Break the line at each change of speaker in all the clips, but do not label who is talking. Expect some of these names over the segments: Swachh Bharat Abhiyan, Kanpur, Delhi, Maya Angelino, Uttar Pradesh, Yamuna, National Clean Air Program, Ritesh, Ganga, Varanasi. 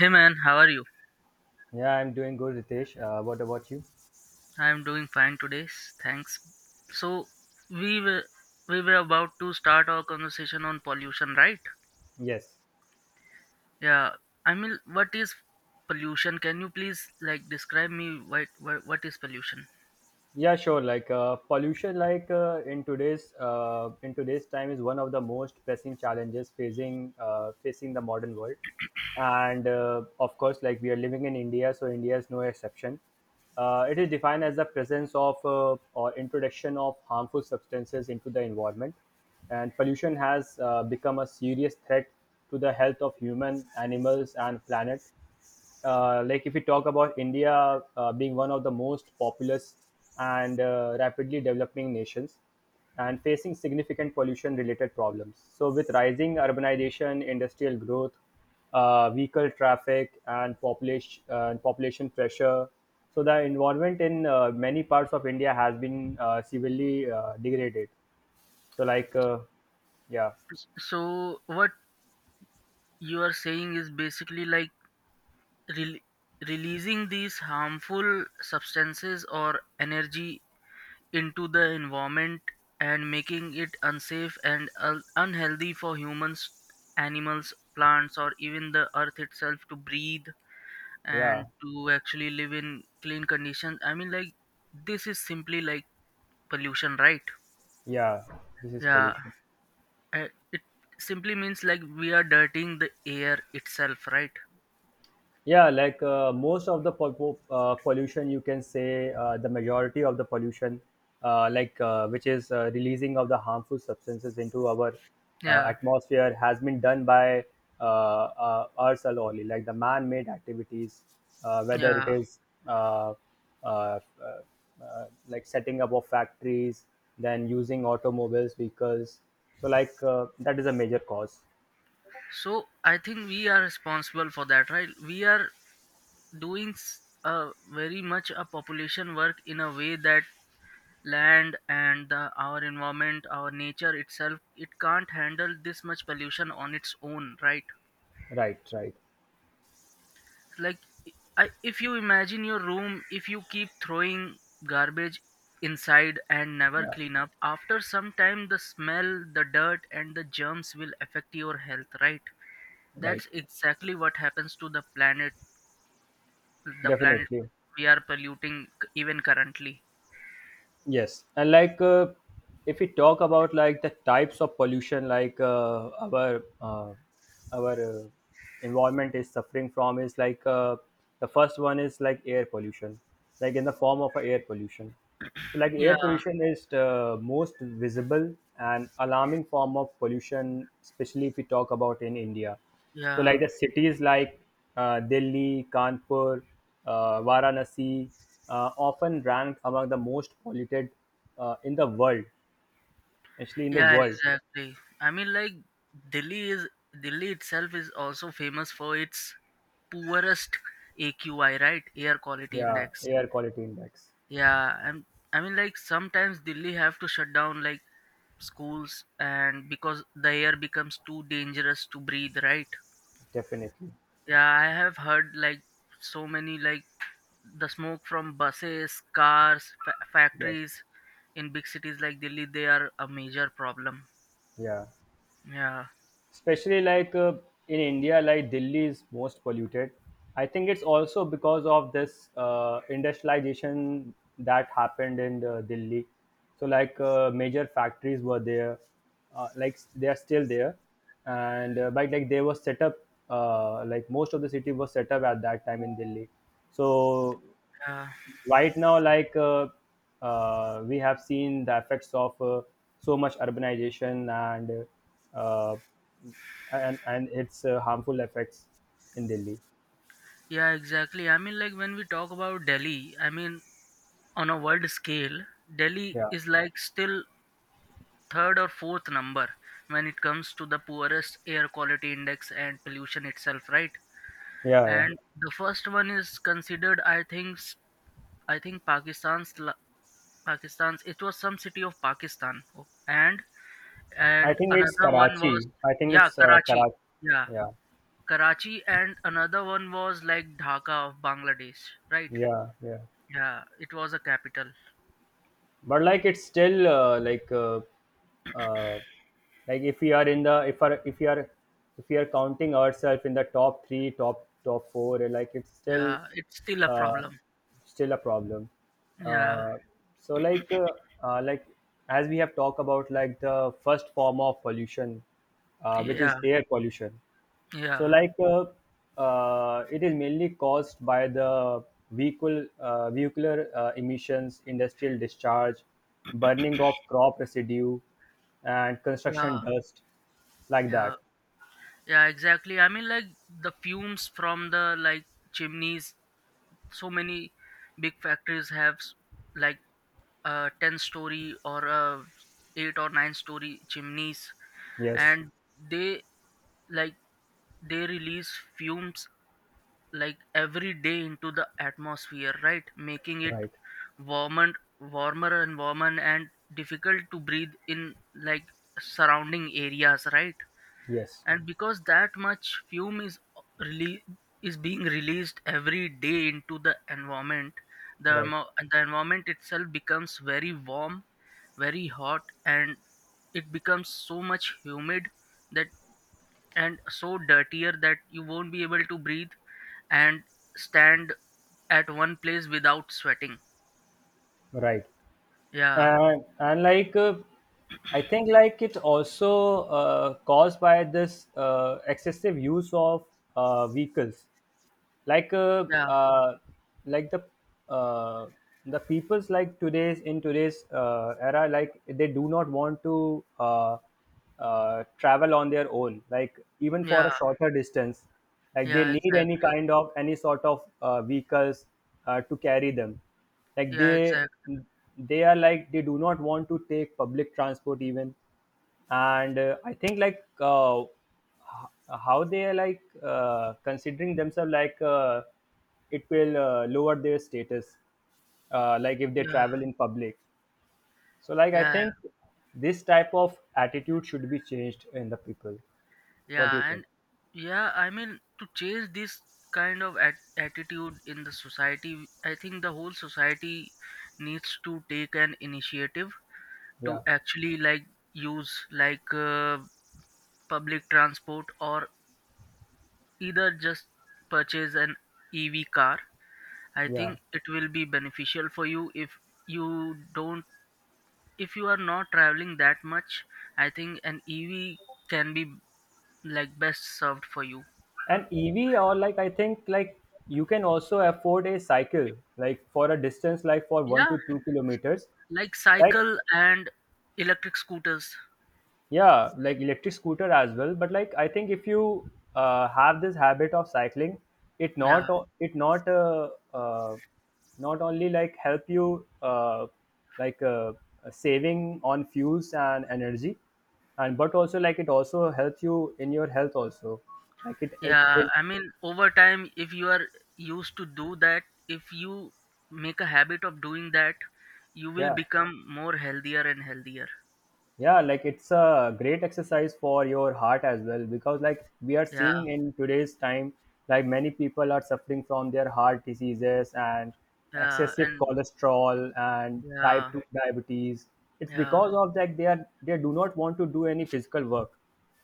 Hey man, how are you?
Yeah, I'm doing good, Ritesh. What about you?
I'm doing fine today. Thanks. So we were we were about to start our conversation on pollution, right?
Yes.
Yeah. I mean, what is pollution? Can you please like describe me what is pollution?
Yeah, sure. Pollution, in today's time, is one of the most pressing challenges facing the modern world. And of course, like we are living in India, so India is no exception. It is defined as the presence of or introduction of harmful substances into the environment, and pollution has become a serious threat to the health of human, animals, and planet like if we talk about India being one of the most populous and rapidly developing nations and facing significant pollution related problems. So, with rising urbanization, industrial growth, vehicle traffic, and population pressure, so the environment in many parts of India has been severely degraded. So, like, uh, yeah,
So what you are saying is basically like rel releasing these harmful substances or energy into the environment and making it unsafe and unhealthy for humans, animals, plants, or even the earth itself to breathe
yeah,
and to actually live in clean conditions. I mean, like, this is simply like pollution, right?
yeah, this is
Yeah,
pollution.
it simply means like we are dirtying the air itself, right?
Most of the pollution, you can say the majority of the pollution, which is releasing of the harmful substances into our
Yeah,
atmosphere, has been done by us only, like the man-made activities, whether it
yeah.
is uh, uh, uh, like setting up of factories, then using automobiles, vehicles. So, that is a major cause.
So I think we are responsible for that, right? We are doing very much a population work in a way that land and our environment, our nature itself, it can't handle this much pollution on its own, right?
Right, right.
Like, if you imagine your room, if you keep throwing garbage inside and never
Yeah,
clean up, after some time the smell, the dirt, and the germs will affect your health, right?
right.
That's exactly what happens to the planet, the planet
Definitely.
we are polluting, even currently.
Yes, and if we talk about like the types of pollution, like our environment is suffering from is the first one is like air pollution, like in the form of a air pollution. So like
Yeah,
air pollution is the most visible and alarming form of pollution, especially if we talk about in India. So,
yeah,
like the cities like Delhi, Kanpur, Varanasi, often ranked among the most polluted in the world, actually in the
yeah,
world.
exactly. I mean, like Delhi is Delhi itself is also famous for its poorest AQI, right? Air quality
Yeah,
index.
air quality index,
Yeah, and I mean, like sometimes Delhi have to shut down like schools and because the air becomes too dangerous to breathe, right?
definitely.
Yeah, I have heard like so many like the smoke from buses, cars,
Yes.
factories in big cities like Delhi, they are a major problem.
Yeah.
Yeah,
Especially in india like delhi is most polluted. I think it's also because of this industrialization that happened in delhi. So major factories were there, like they are still there. And but like they were set up, like most of the city was set up at that time in delhi. so
yeah,
right now we have seen the effects of so much urbanization and uh, and its harmful effects in delhi.
yeah, exactly. I mean, like when we talk about Delhi, I mean, on a world scale, Delhi
yeah
is like still third or fourth number when it comes to the poorest air quality index and pollution itself, right?
yeah,
And the first one is considered, I think, I think Pakistan's. It was some city of Pakistan, oh,
I
and
think it's
another one
karachi.
was,
I think
yeah,
it's
Karachi.
karachi.
Yeah,
yeah
Karachi, and another one was like Dhaka of Bangladesh, right?
yeah,
Yeah, it was a capital.
but like it's still uh, like if we are in the if are if we are if we are counting ourselves in the top three top four, it's still
Yeah, it's still a
uh,
problem.
still a problem.
Yeah,
uh, so like uh, uh, like as we have talked about like the first form of pollution, which is
yeah,
air pollution. so,
yeah,
like, uh, it is mainly caused by the vehicle vehicular emissions, industrial discharge, burning of crop residue, and
yeah,
construction dust, like
yeah,
that.
yeah, exactly. I mean, like the fumes from the like chimneys, so many big factories have like a 10 story or a 8 or 9-story chimneys,
Yes,
and they like they release fumes like every day into the atmosphere, right, making it
right.
warmer, warmer, and difficult to breathe in like surrounding areas, right?
Yes,
And because that much fume is really is being released every day into the environment, the
right,
the environment itself becomes very warm, very hot, and it becomes so much humid that, and so dirtier, that you won't be able to breathe and stand at one place without sweating.
right.
Yeah,
And I think like it's also caused by this excessive use of vehicles like uh,
yeah,
uh, like uh, the people's like today's in today's era like they do not want to travel on their own like even for
yeah,
a shorter distance, like they
yeah,
need any
exactly.
kind of any sort of vehicles to carry them. like
Yeah,
they
exactly.
they are like they do not want to take public transport even. And I think ho- how they are considering themselves like it will lower their status, like if they
Yeah,
travel in public. So I
yeah,
think this type of attitude should be changed in the people. What do you
yeah.
think?
And yeah, I mean, to change this kind of attitude in the society, I think the whole society needs to take an initiative to
Yeah,
actually like use like public transport or either just purchase an EV car. I
yeah,
think it will be beneficial for you if you don't, if you are not traveling that much. I think an EV can be like best served for you.
and ev, or like I think like you can also afford a cycle like for a distance like for 1
Yeah,
to 2 kilometers
like
like.
cycle and electric scooters.
Yeah, like electric scooter as well, but like I think if you have this habit of cycling, it
Yeah.
not o- it not uh, uh, not only like help you like uh, saving on fuels and energy, and but also like it also helps you in your health also, like it it,
Yeah,
it
I mean over time if you are used to do that, if you make a habit of doing that, you will
yeah.
become more healthier and healthier.
Yeah, like it's a great exercise for your heart as well because like we are
Yeah,
seeing in today's time, like many people are suffering from their heart diseases and
yeah,
excessive
and
cholesterol and type
yeah.
2 diabetes. It's
Yeah,
because of that they do not want to do any physical work.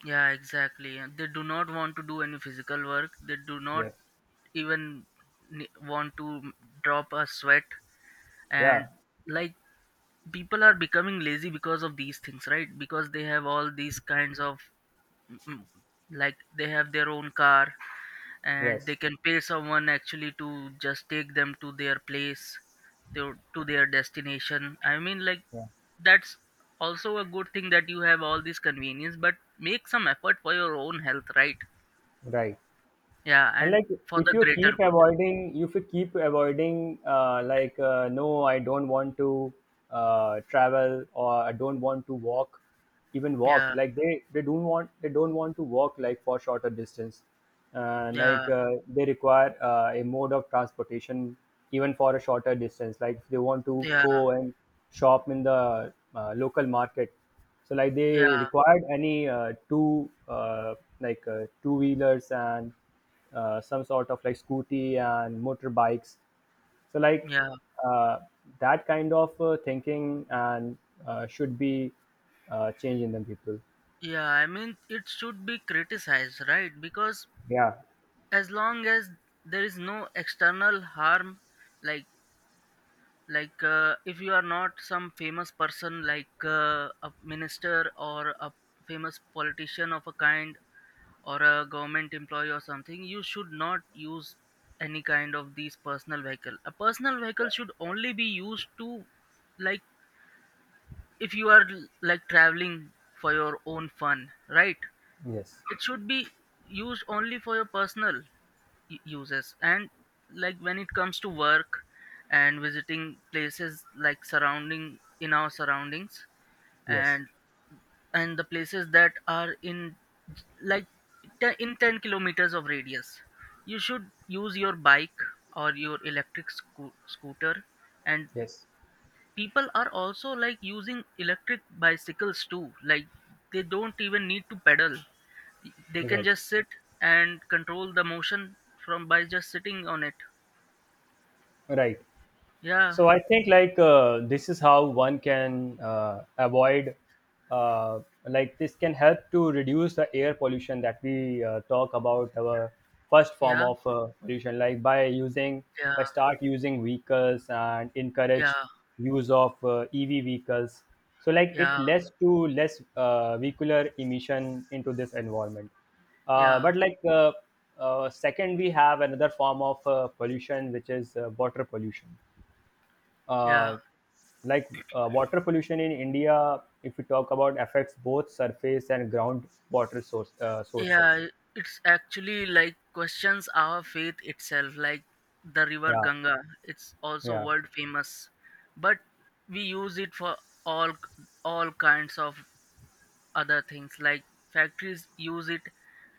yeah, exactly. And they do not want to do any physical work. They do not
Yes,
even want to drop a sweat. And
yeah,
like people are becoming lazy because of these things, right? Because they have all these kinds of mm, mm, like they have their own car and they
yes,
can pay someone actually to just take them to their place to their destination. I mean, like
yeah,
that's also a good thing that you have all these convenience, but make some effort for your own health, right?
right.
Yeah,
And
and
like
for
if
the
you
greater
keep
good.
avoiding, if you keep avoiding, no I don't want to travel, or I don't want to walk, even walk,
Yeah,
they don't want to walk like for shorter distance.
yeah,
They require a mode of transportation even for a shorter distance like if they want to
yeah,
go and shop in the local market. So like they
yeah,
required any two wheelers and some sort of like scooty and motorbikes. So
yeah,
uh, that kind of thinking and should be changed in the people.
yeah, I mean it should be criticized, right? Because
Yeah,
as long as there is no external harm, like like if you are not some famous person, like a minister or a famous politician of a kind, or a government employee or something, you should not use any kind of these personal vehicle. A personal vehicle should only be used to, like if you are like traveling for your own fun, right?
yes,
It should be used only for your personal uses, and like when it comes to work and visiting places like surrounding in our surroundings,
yes,
and and the places that are in like in 10 kilometers of radius, you should use your bike or your electric scooter. And
yes,
people are also like using electric bicycles too, like they don't even need to pedal, they can
right,
just sit and control the motion from by just sitting on it.
right.
Yeah,
So I think this is how one can avoid, uh, like this can help to reduce the air pollution that we talk about our first form
yeah,
of pollution like by using,
yeah,
by start using vehicles and encourage
yeah,
use of EV vehicles. So like it
yeah,
less to less vehicular emission into this environment. Uh,
yeah,
but like uh, uh, second, we have another form of pollution which is water pollution,
yeah,
uh, water pollution in India, if we talk about affects both surface and ground water sources.
yeah. It's actually like questions our faith itself, like the river
Yeah,
Ganga. It's also
yeah,
world famous, but we use it for all all kinds of other things. Like factories use it,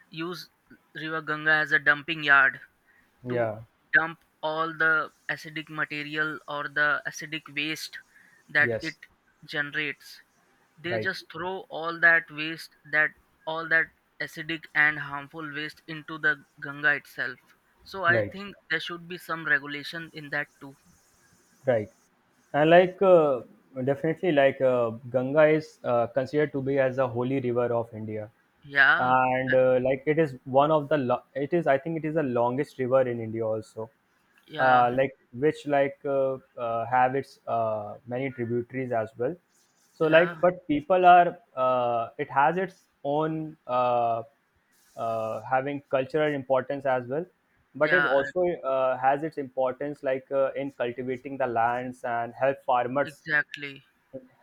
use river Ganga as a dumping yard, to
yeah.
dump all the acidic material or the acidic waste that it
Yes,
generates. They
right,
just throw all that waste, that all that acidic and harmful waste into the Ganga itself. So I
right,
think there should be some regulation in that too.
right. And definitely, Ganga is considered to be as a holy river of India.
Yeah, uh,
And it is one of the lo- it is I think it is the longest river in india also.
yeah,
Uh, like which like have its many tributaries as well. So like
yeah,
but people are it has its own having cultural importance as well, but it
yeah,
also has its importance in cultivating the lands and help farmers,
exactly.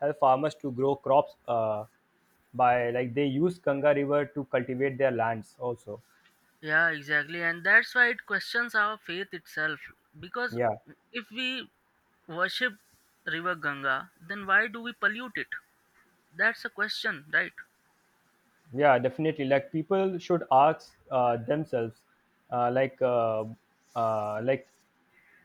help farmers to grow crops, by like they use Ganga River to cultivate their lands also.
Yeah, exactly. And that's why it questions our faith itself. Because
Yeah.
if we worship River Ganga, then why do we pollute it? That's a question, right?
Yeah definitely like people should ask themselves, uh, like uh, uh, like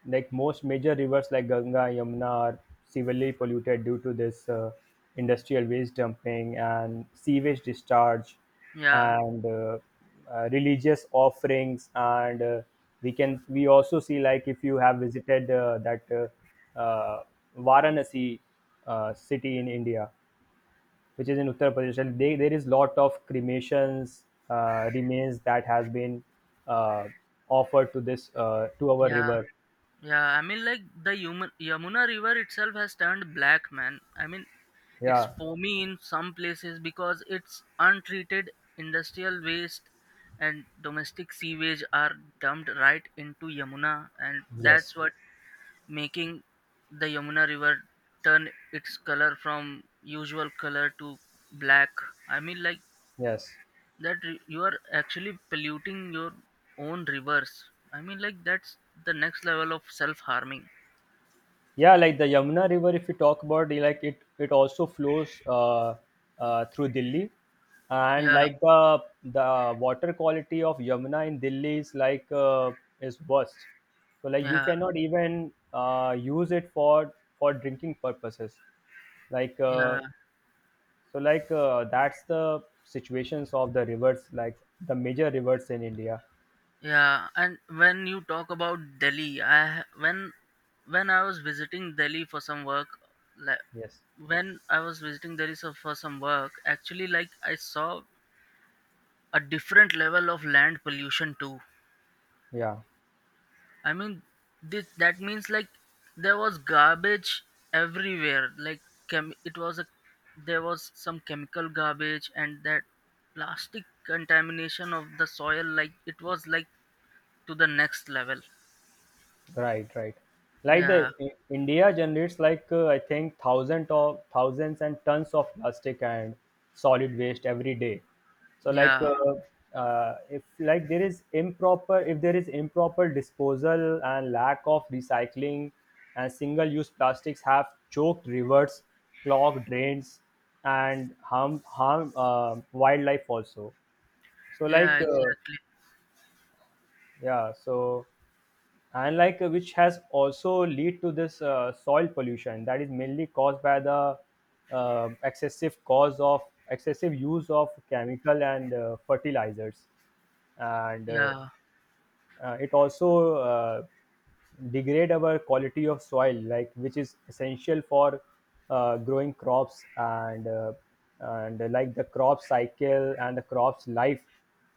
like most major rivers like ganga, yamuna are severely polluted due to this industrial waste dumping and sewage discharge
Yeah,
and religious offerings, and we can we also see like if you have visited that varanasi city in india which is in Uttar Pradesh. And they, there is lot of cremations remains that has been uh, offered to our
yeah,
river.
yeah. I mean, like the human Yamuna River itself has turned black, man. I mean, it's
Yeah.
foamy in some places because it's untreated industrial waste and domestic sewage are dumped right into Yamuna, and that's
Yes.
what making the Yamuna River turn its color from usual color to black. I mean, like
Yes.
that you are actually polluting your own rivers. I mean, like that's the next level of self harming.
Yeah, like the Yamuna River, if you talk about, like it also flows through Delhi, and
Yeah,
like the water quality of Yamuna in Delhi is is worst. So like you
yeah,
cannot even use it for drinking purposes. Like
yeah,
uh, that's the situations of the rivers, like the major rivers in India.
yeah. And when you talk about Delhi, I ha- when I was visiting Delhi for some work, like
Yes.
when I was visiting Delhi for some work, actually, like I saw a different level of land pollution too.
Yeah.
I mean, this that means like there was garbage everywhere, like chem- it was a there was some chemical garbage and that plastic contamination of the soil, like it was like to the next level.
Right, right. Like
Yeah,
the India generates I think thousands of thousands and tons of plastic and solid waste every day. So
yeah,
if like there is improper, if there is improper disposal and lack of recycling and single use plastics have choked rivers, clogged drains, and harm wildlife also. So
yeah, exactly,
yeah, so and which has also lead to this soil pollution that is mainly caused by the uh, excessive cause of excessive use of chemical and fertilizers and
yeah,
it also degrade our quality of soil like which is essential for growing crops and like the crop cycle and the crop's life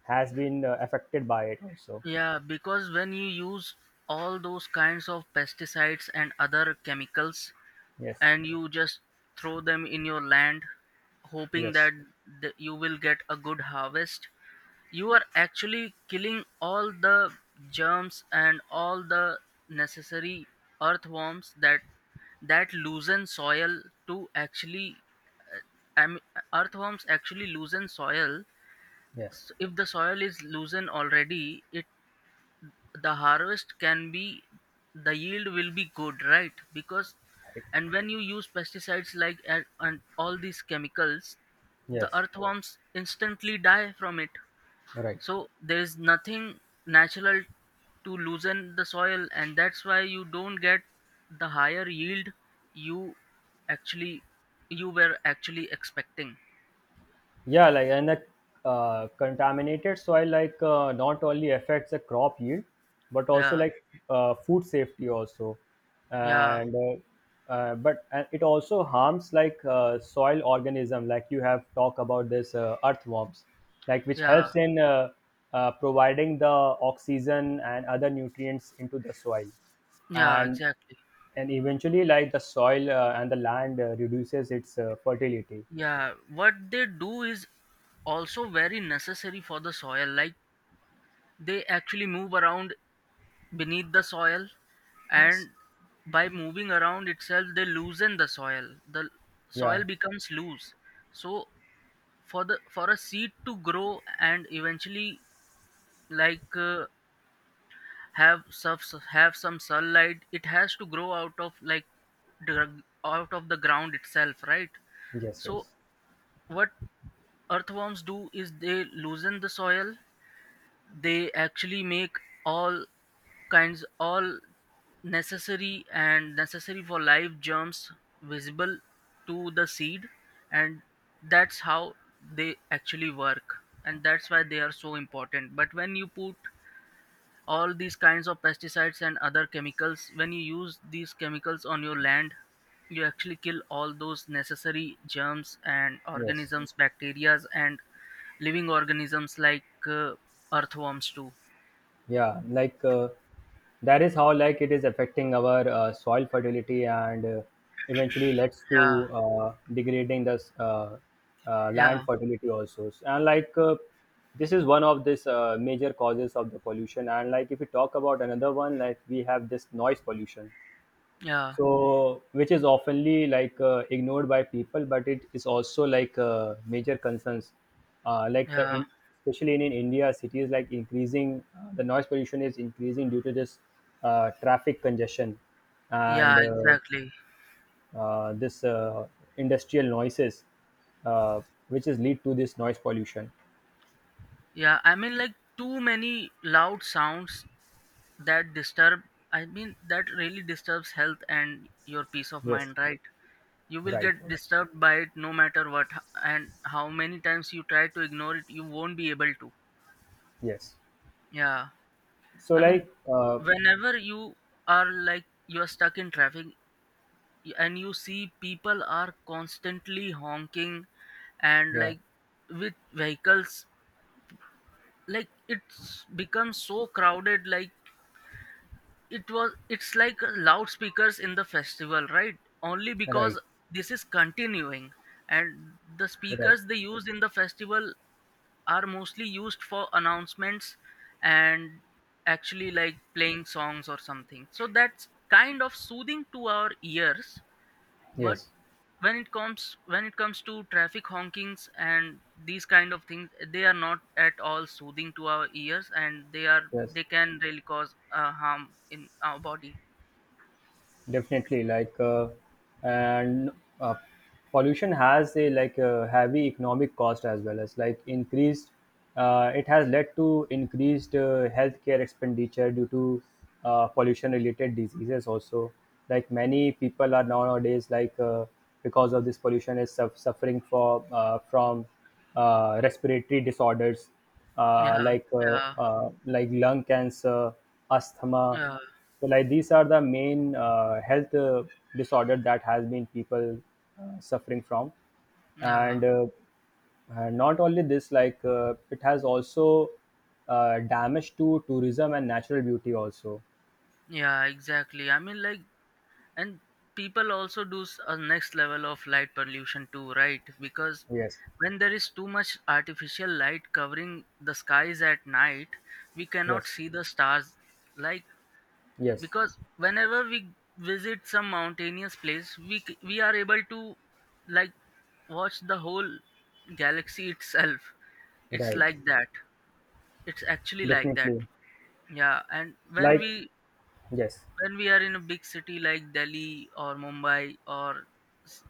has been affected by it also.
yeah. Because when you use all those kinds of pesticides and other chemicals,
Yes,
and you just throw them in your land hoping
yes,
that you will get a good harvest, you are actually killing all the germs and all the necessary earthworms that loosen soil to actually, I mean, earthworms actually loosen soil.
yes,
If the soil is loosened already, it, the harvest can be, the yield will be good, right? Because,
right.
and when you use pesticides like and all these chemicals, the
Yes,
earthworms instantly die from it.
right.
So there is nothing natural to loosen the soil, and that's why you don't get the higher yield you actually, you were actually expecting.
Yeah, like and the contaminated soil not only affects the crop yield, but also
Yeah,
food safety also,
yeah,
and but and it also harms soil organism. Like you have talked about this earthworms, like which
yeah,
helps in providing the oxygen and other nutrients into the soil,
yeah,
and
exactly.
and eventually like the soil and the land reduces its fertility.
Yeah, what they do is also very necessary for the soil. Like they actually move around beneath the soil,
Yes.
and by moving around itself, they loosen the soil. The
yeah
soil becomes loose. So, for the, for a seed to grow and eventually like have subs have some sunlight, it has to grow out of like out of the ground itself, right?
yes
So
yes
what earthworms do is they loosen the soil, they actually make all all necessary and necessary for life germs visible to the seed, and that's how they actually work, and that's why they are so important. But when you put all these kinds of pesticides and other chemicals, when you use these chemicals on your land, you actually kill all those necessary germs and
yes
organisms, bacterias, and living organisms like earthworms too.
yeah. That is how it is affecting our soil fertility and eventually leads
Yeah,
to degrading the land
yeah,
fertility also. And this is one of this major causes of the pollution. And like, if we talk about another one, like we have this noise pollution,
yeah,
which is oftenly ignored by people, but it is also major concerns. uh, like the
yeah,
in, Especially in India cities, like increasing the noise pollution is increasing due to this traffic congestion and
yeah, exactly.
this industrial noises, uh, which is lead to this noise pollution.
Yeah, I mean like too many loud sounds that disturb, I mean that really disturbs health and your peace of
Yes.
mind, right? You will
Right,
get
right.
disturbed by it no matter what, and how many times you try to ignore it, you won't be able to.
Yes.
Yeah,
so
I mean,
like uh,
whenever you are like you are stuck in traffic, and you see people are constantly honking and,
yeah.
like, with vehicles, like, it's become so crowded, like it's like a loudspeakers in the festival, right? Only because
Right,
this is continuing. And the
right.
speakers they use in the festival are mostly used for announcements and actually, like, playing songs or something, so that's kind of soothing to our ears. But
Yes,
when it comes to traffic honkings and these kind of things, they are not at all soothing to our ears, and
yes.
they can really cause harm in our body.
Definitely. Like, and uh, Pollution has a heavy economic cost, as well as like increased. It has led to increased healthcare expenditure due to pollution-related diseases. Also, like many people are nowadays because of this pollution is suffering for from respiratory disorders,
Yeah, yeah,
like lung cancer, asthma.
yeah,
So like these are the main health disorder that has been people suffering from.
yeah,
And and not only this, like it has also damage to tourism and natural beauty also.
yeah, exactly. I mean, like, and people also do a next level of light pollution too, right? Because
Yes,
when there is too much artificial light covering the skies at night, we cannot
yes,
see the stars. Like,
yes,
because whenever we visit some mountainous place, we are able to, like, watch the whole galaxy itself. It's
right,
like that. It's actually like that.
definitely.
Yeah. And
Like yes,
when we are in a big city like Delhi or Mumbai or s-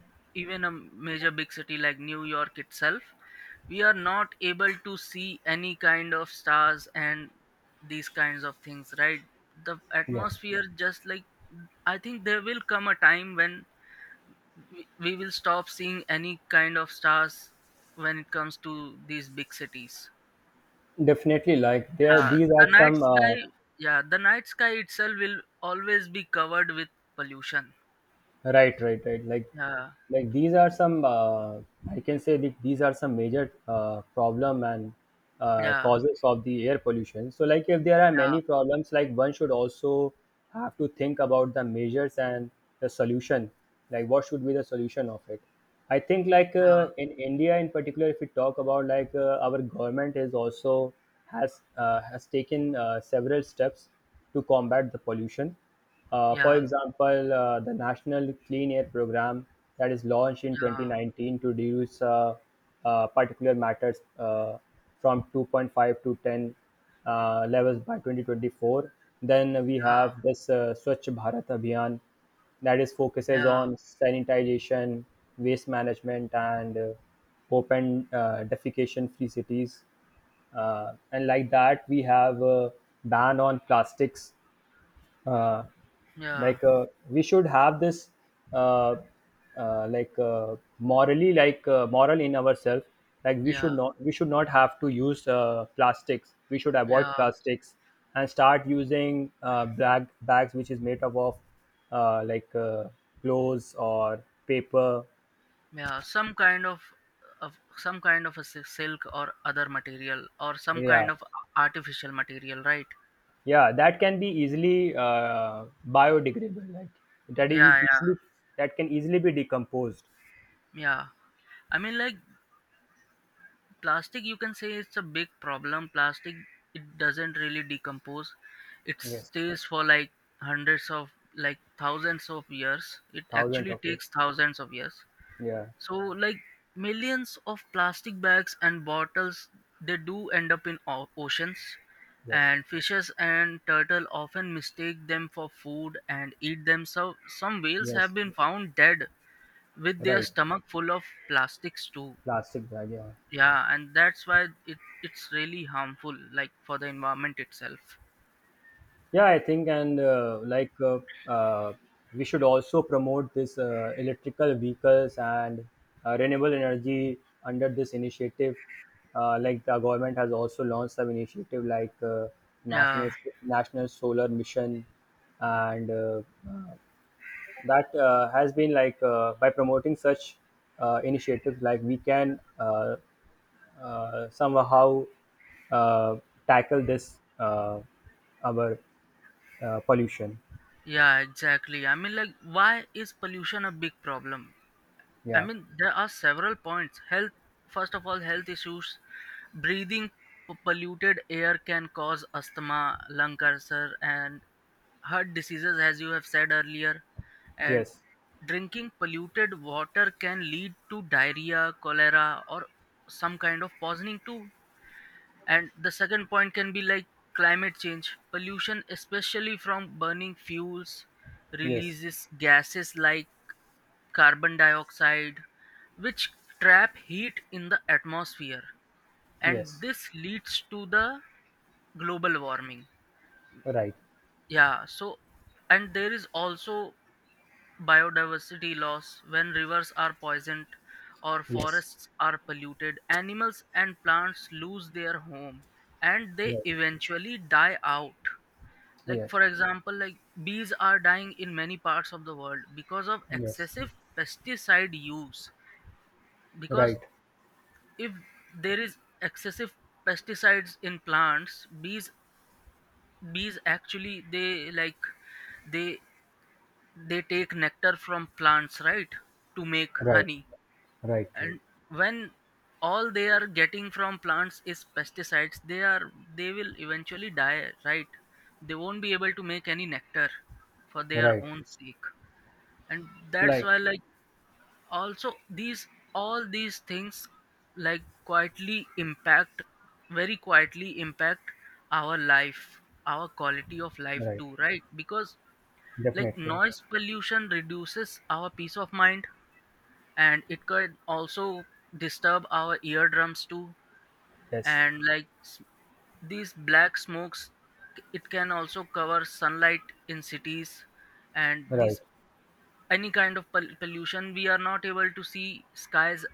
even a major big city like New York itself, we are not able to see any kind of stars and these kinds of things, right? The
yes,
atmosphere just like, I think there will come a time when we will stop seeing any kind of stars when it comes to these big cities.
definitely.
Yeah,
These
the
are
night
some,
sky, yeah, the night sky itself will always be covered with pollution.
right, right, right.
Yeah,
Like these are some. I can say these are some major problem and
yeah,
causes of the air pollution. So like, if there are
yeah,
many problems, like one should also have to think about the measures and the solution. Like, what should be the solution of it? I think, in India in particular, if we talk about, our government is also has taken several steps to combat the pollution. For
yeah,
example, the National Clean Air Program that is launched in
yeah,
2019 to reduce particulate matters from 2.5 to 10 levels by 2024. Then we have this Swachh Bharat Abhiyan that is
yeah,
focuses
yeah, yeah,
on sanitization, waste management, and open defecation-free cities. And like that, we have a ban on plastics. uh,
yeah,
we should have this uh, moral in ourselves. Like
yeah,
we should not have to use plastics, we should
yeah,
avoid plastics and start using bags which is made up of uh, like uh, clothes or paper,
yeah. Some kind of some kind of a silk or other material or some
yeah,
kind of artificial material, right?
yeah, that can be easily biodegradable. Like that is
Yeah, yeah,
easily that can easily be decomposed.
yeah. I mean, like, plastic, you can say it's a big problem. Plastic, it doesn't really decompose. It
Yes.
stays for like hundreds of, like, thousands of years. It
Thousands
actually
of years.
takes thousands of years.
Yeah.
So, like, millions of plastic bags and bottles, they do end up in oceans,
Yes.
and fishes and turtle often mistake them for food and eat them, so some whales have
Yes,
been found dead with their
right.
stomach full of plastics too.
Plastic bag, yeah.
Yeah, and that's why it's really harmful, like, for the environment itself.
Yeah, I think, and like uh, we should also promote this electrical vehicles and renewable energy under this initiative. Like the government has also launched some initiative
Yeah,
national solar mission, and uh, that has been by promoting such initiatives, like we can somehow uh, tackle this our pollution.
yeah, exactly. I mean, like, why is pollution a big problem? I
Yeah.
mean, there are several points. Health, first of all, health issues. Breathing polluted air can cause asthma, lung cancer, and heart diseases, as you have said earlier. And
Yes,
drinking polluted water can lead to diarrhea, cholera, or some kind of poisoning too. And the second point can be, like, climate change. Pollution, especially from burning fuels, yeah,
yes,
releases gases like carbon dioxide, which trap heat in the atmosphere, and
yes,
this leads to the global warming.
right,
Yeah. So, and there is also biodiversity loss. When rivers are poisoned or
yes,
forests are polluted, animals and plants lose their home and they
right,
eventually die out. Like,
yeah,
for example, like, bees are dying in many parts of the world because of
yes,
excessive pesticide use. Because
right,
if there is excessive pesticides in plants, bees actually they like they they take nectar from plants, right, to make
right,
honey.
right, right,
And when all they are getting from plants is pesticides, they will eventually die, right? They won't be able to make any nectar for their
right,
own sake. And that's
like,
why, like, also these all these things, like, quietly impact very quietly impact our life, our quality of life
right,
too, right? Because, like,
definitely,
noise pollution reduces our peace of mind, and it could also disturb our eardrums too.
yes,
And like these black smokes, it can also cover sunlight in cities. And
right,
these any kind of pollution, we are not able to see skies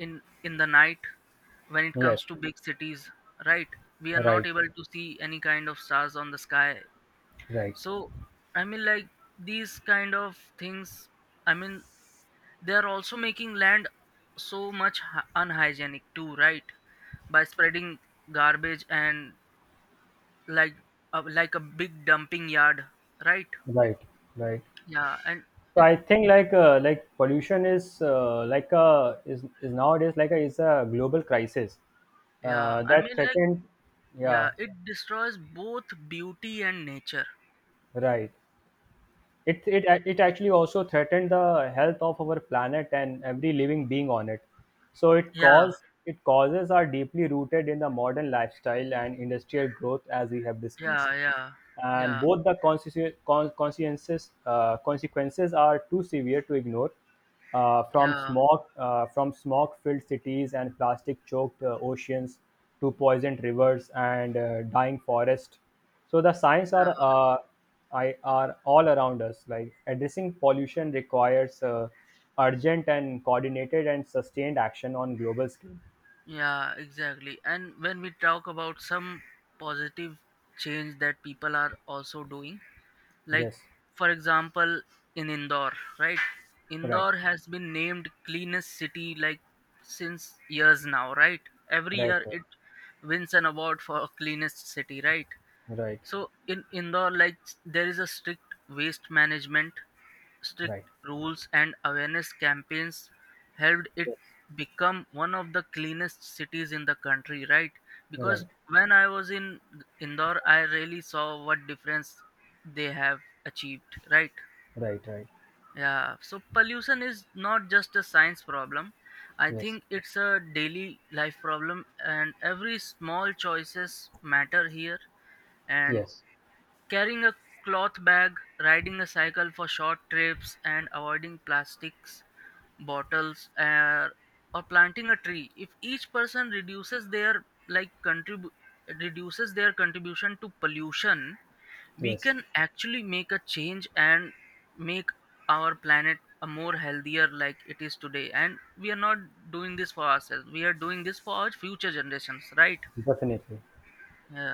in the night when it comes
yes,
to big cities, right? We are not
right,
able to see any kind of stars on the sky.
right,
So, I mean, like, these kind of things, I mean, they are also making land so much unhygienic too, right, by spreading garbage and, like, like a big dumping yard, right?
right, right.
Yeah. And
So
it,
I think pollution is is nowadays a global crisis
yeah, I
that
mean, like,
threatened,
yeah,
yeah,
it destroys both beauty and nature.
right, it it actually also threatened the health of our planet and every living being on it. So it
Yeah.
cause it causes are deeply rooted in the modern lifestyle and industrial growth, as we have
Yeah,
discussed.
yeah,
And
yeah,
both the consequences, consequences are too severe to ignore. From
yeah,
smog, from smog-filled cities and plastic-choked oceans to poisoned rivers and dying forests. So the signs are,
yeah,
are all around us. Like addressing pollution requires urgent and coordinated and sustained action on global scale.
yeah, exactly. And when we talk about some positive change that people are also doing, like,
Yes.
for example, in Indore, right?
Right.
Indore has been named cleanest city like since years now, right? Every
Right.
year it wins an award for cleanest city, right?
Right. Right.
So in Indore, like, there is a strict waste management, strict
Right.
rules and awareness campaigns helped it
Yes.
become one of the cleanest cities in the country, right? Because
Right.
when I was in Indore, I really saw what difference they have achieved, right?
Right. Right.
Yeah. So pollution is not just a science problem. I
Yes,
think it's a daily life problem, and every small choices matter here. And
yes,
carrying a cloth bag, riding a cycle for short trips, and avoiding plastics, bottles, or planting a tree. If each person reduces their contribution to pollution, we
yes,
can actually make a change and make our planet a more healthier like it is today. And we are not doing this for ourselves. We are doing this for our future generations, right?
definitely.
Yeah.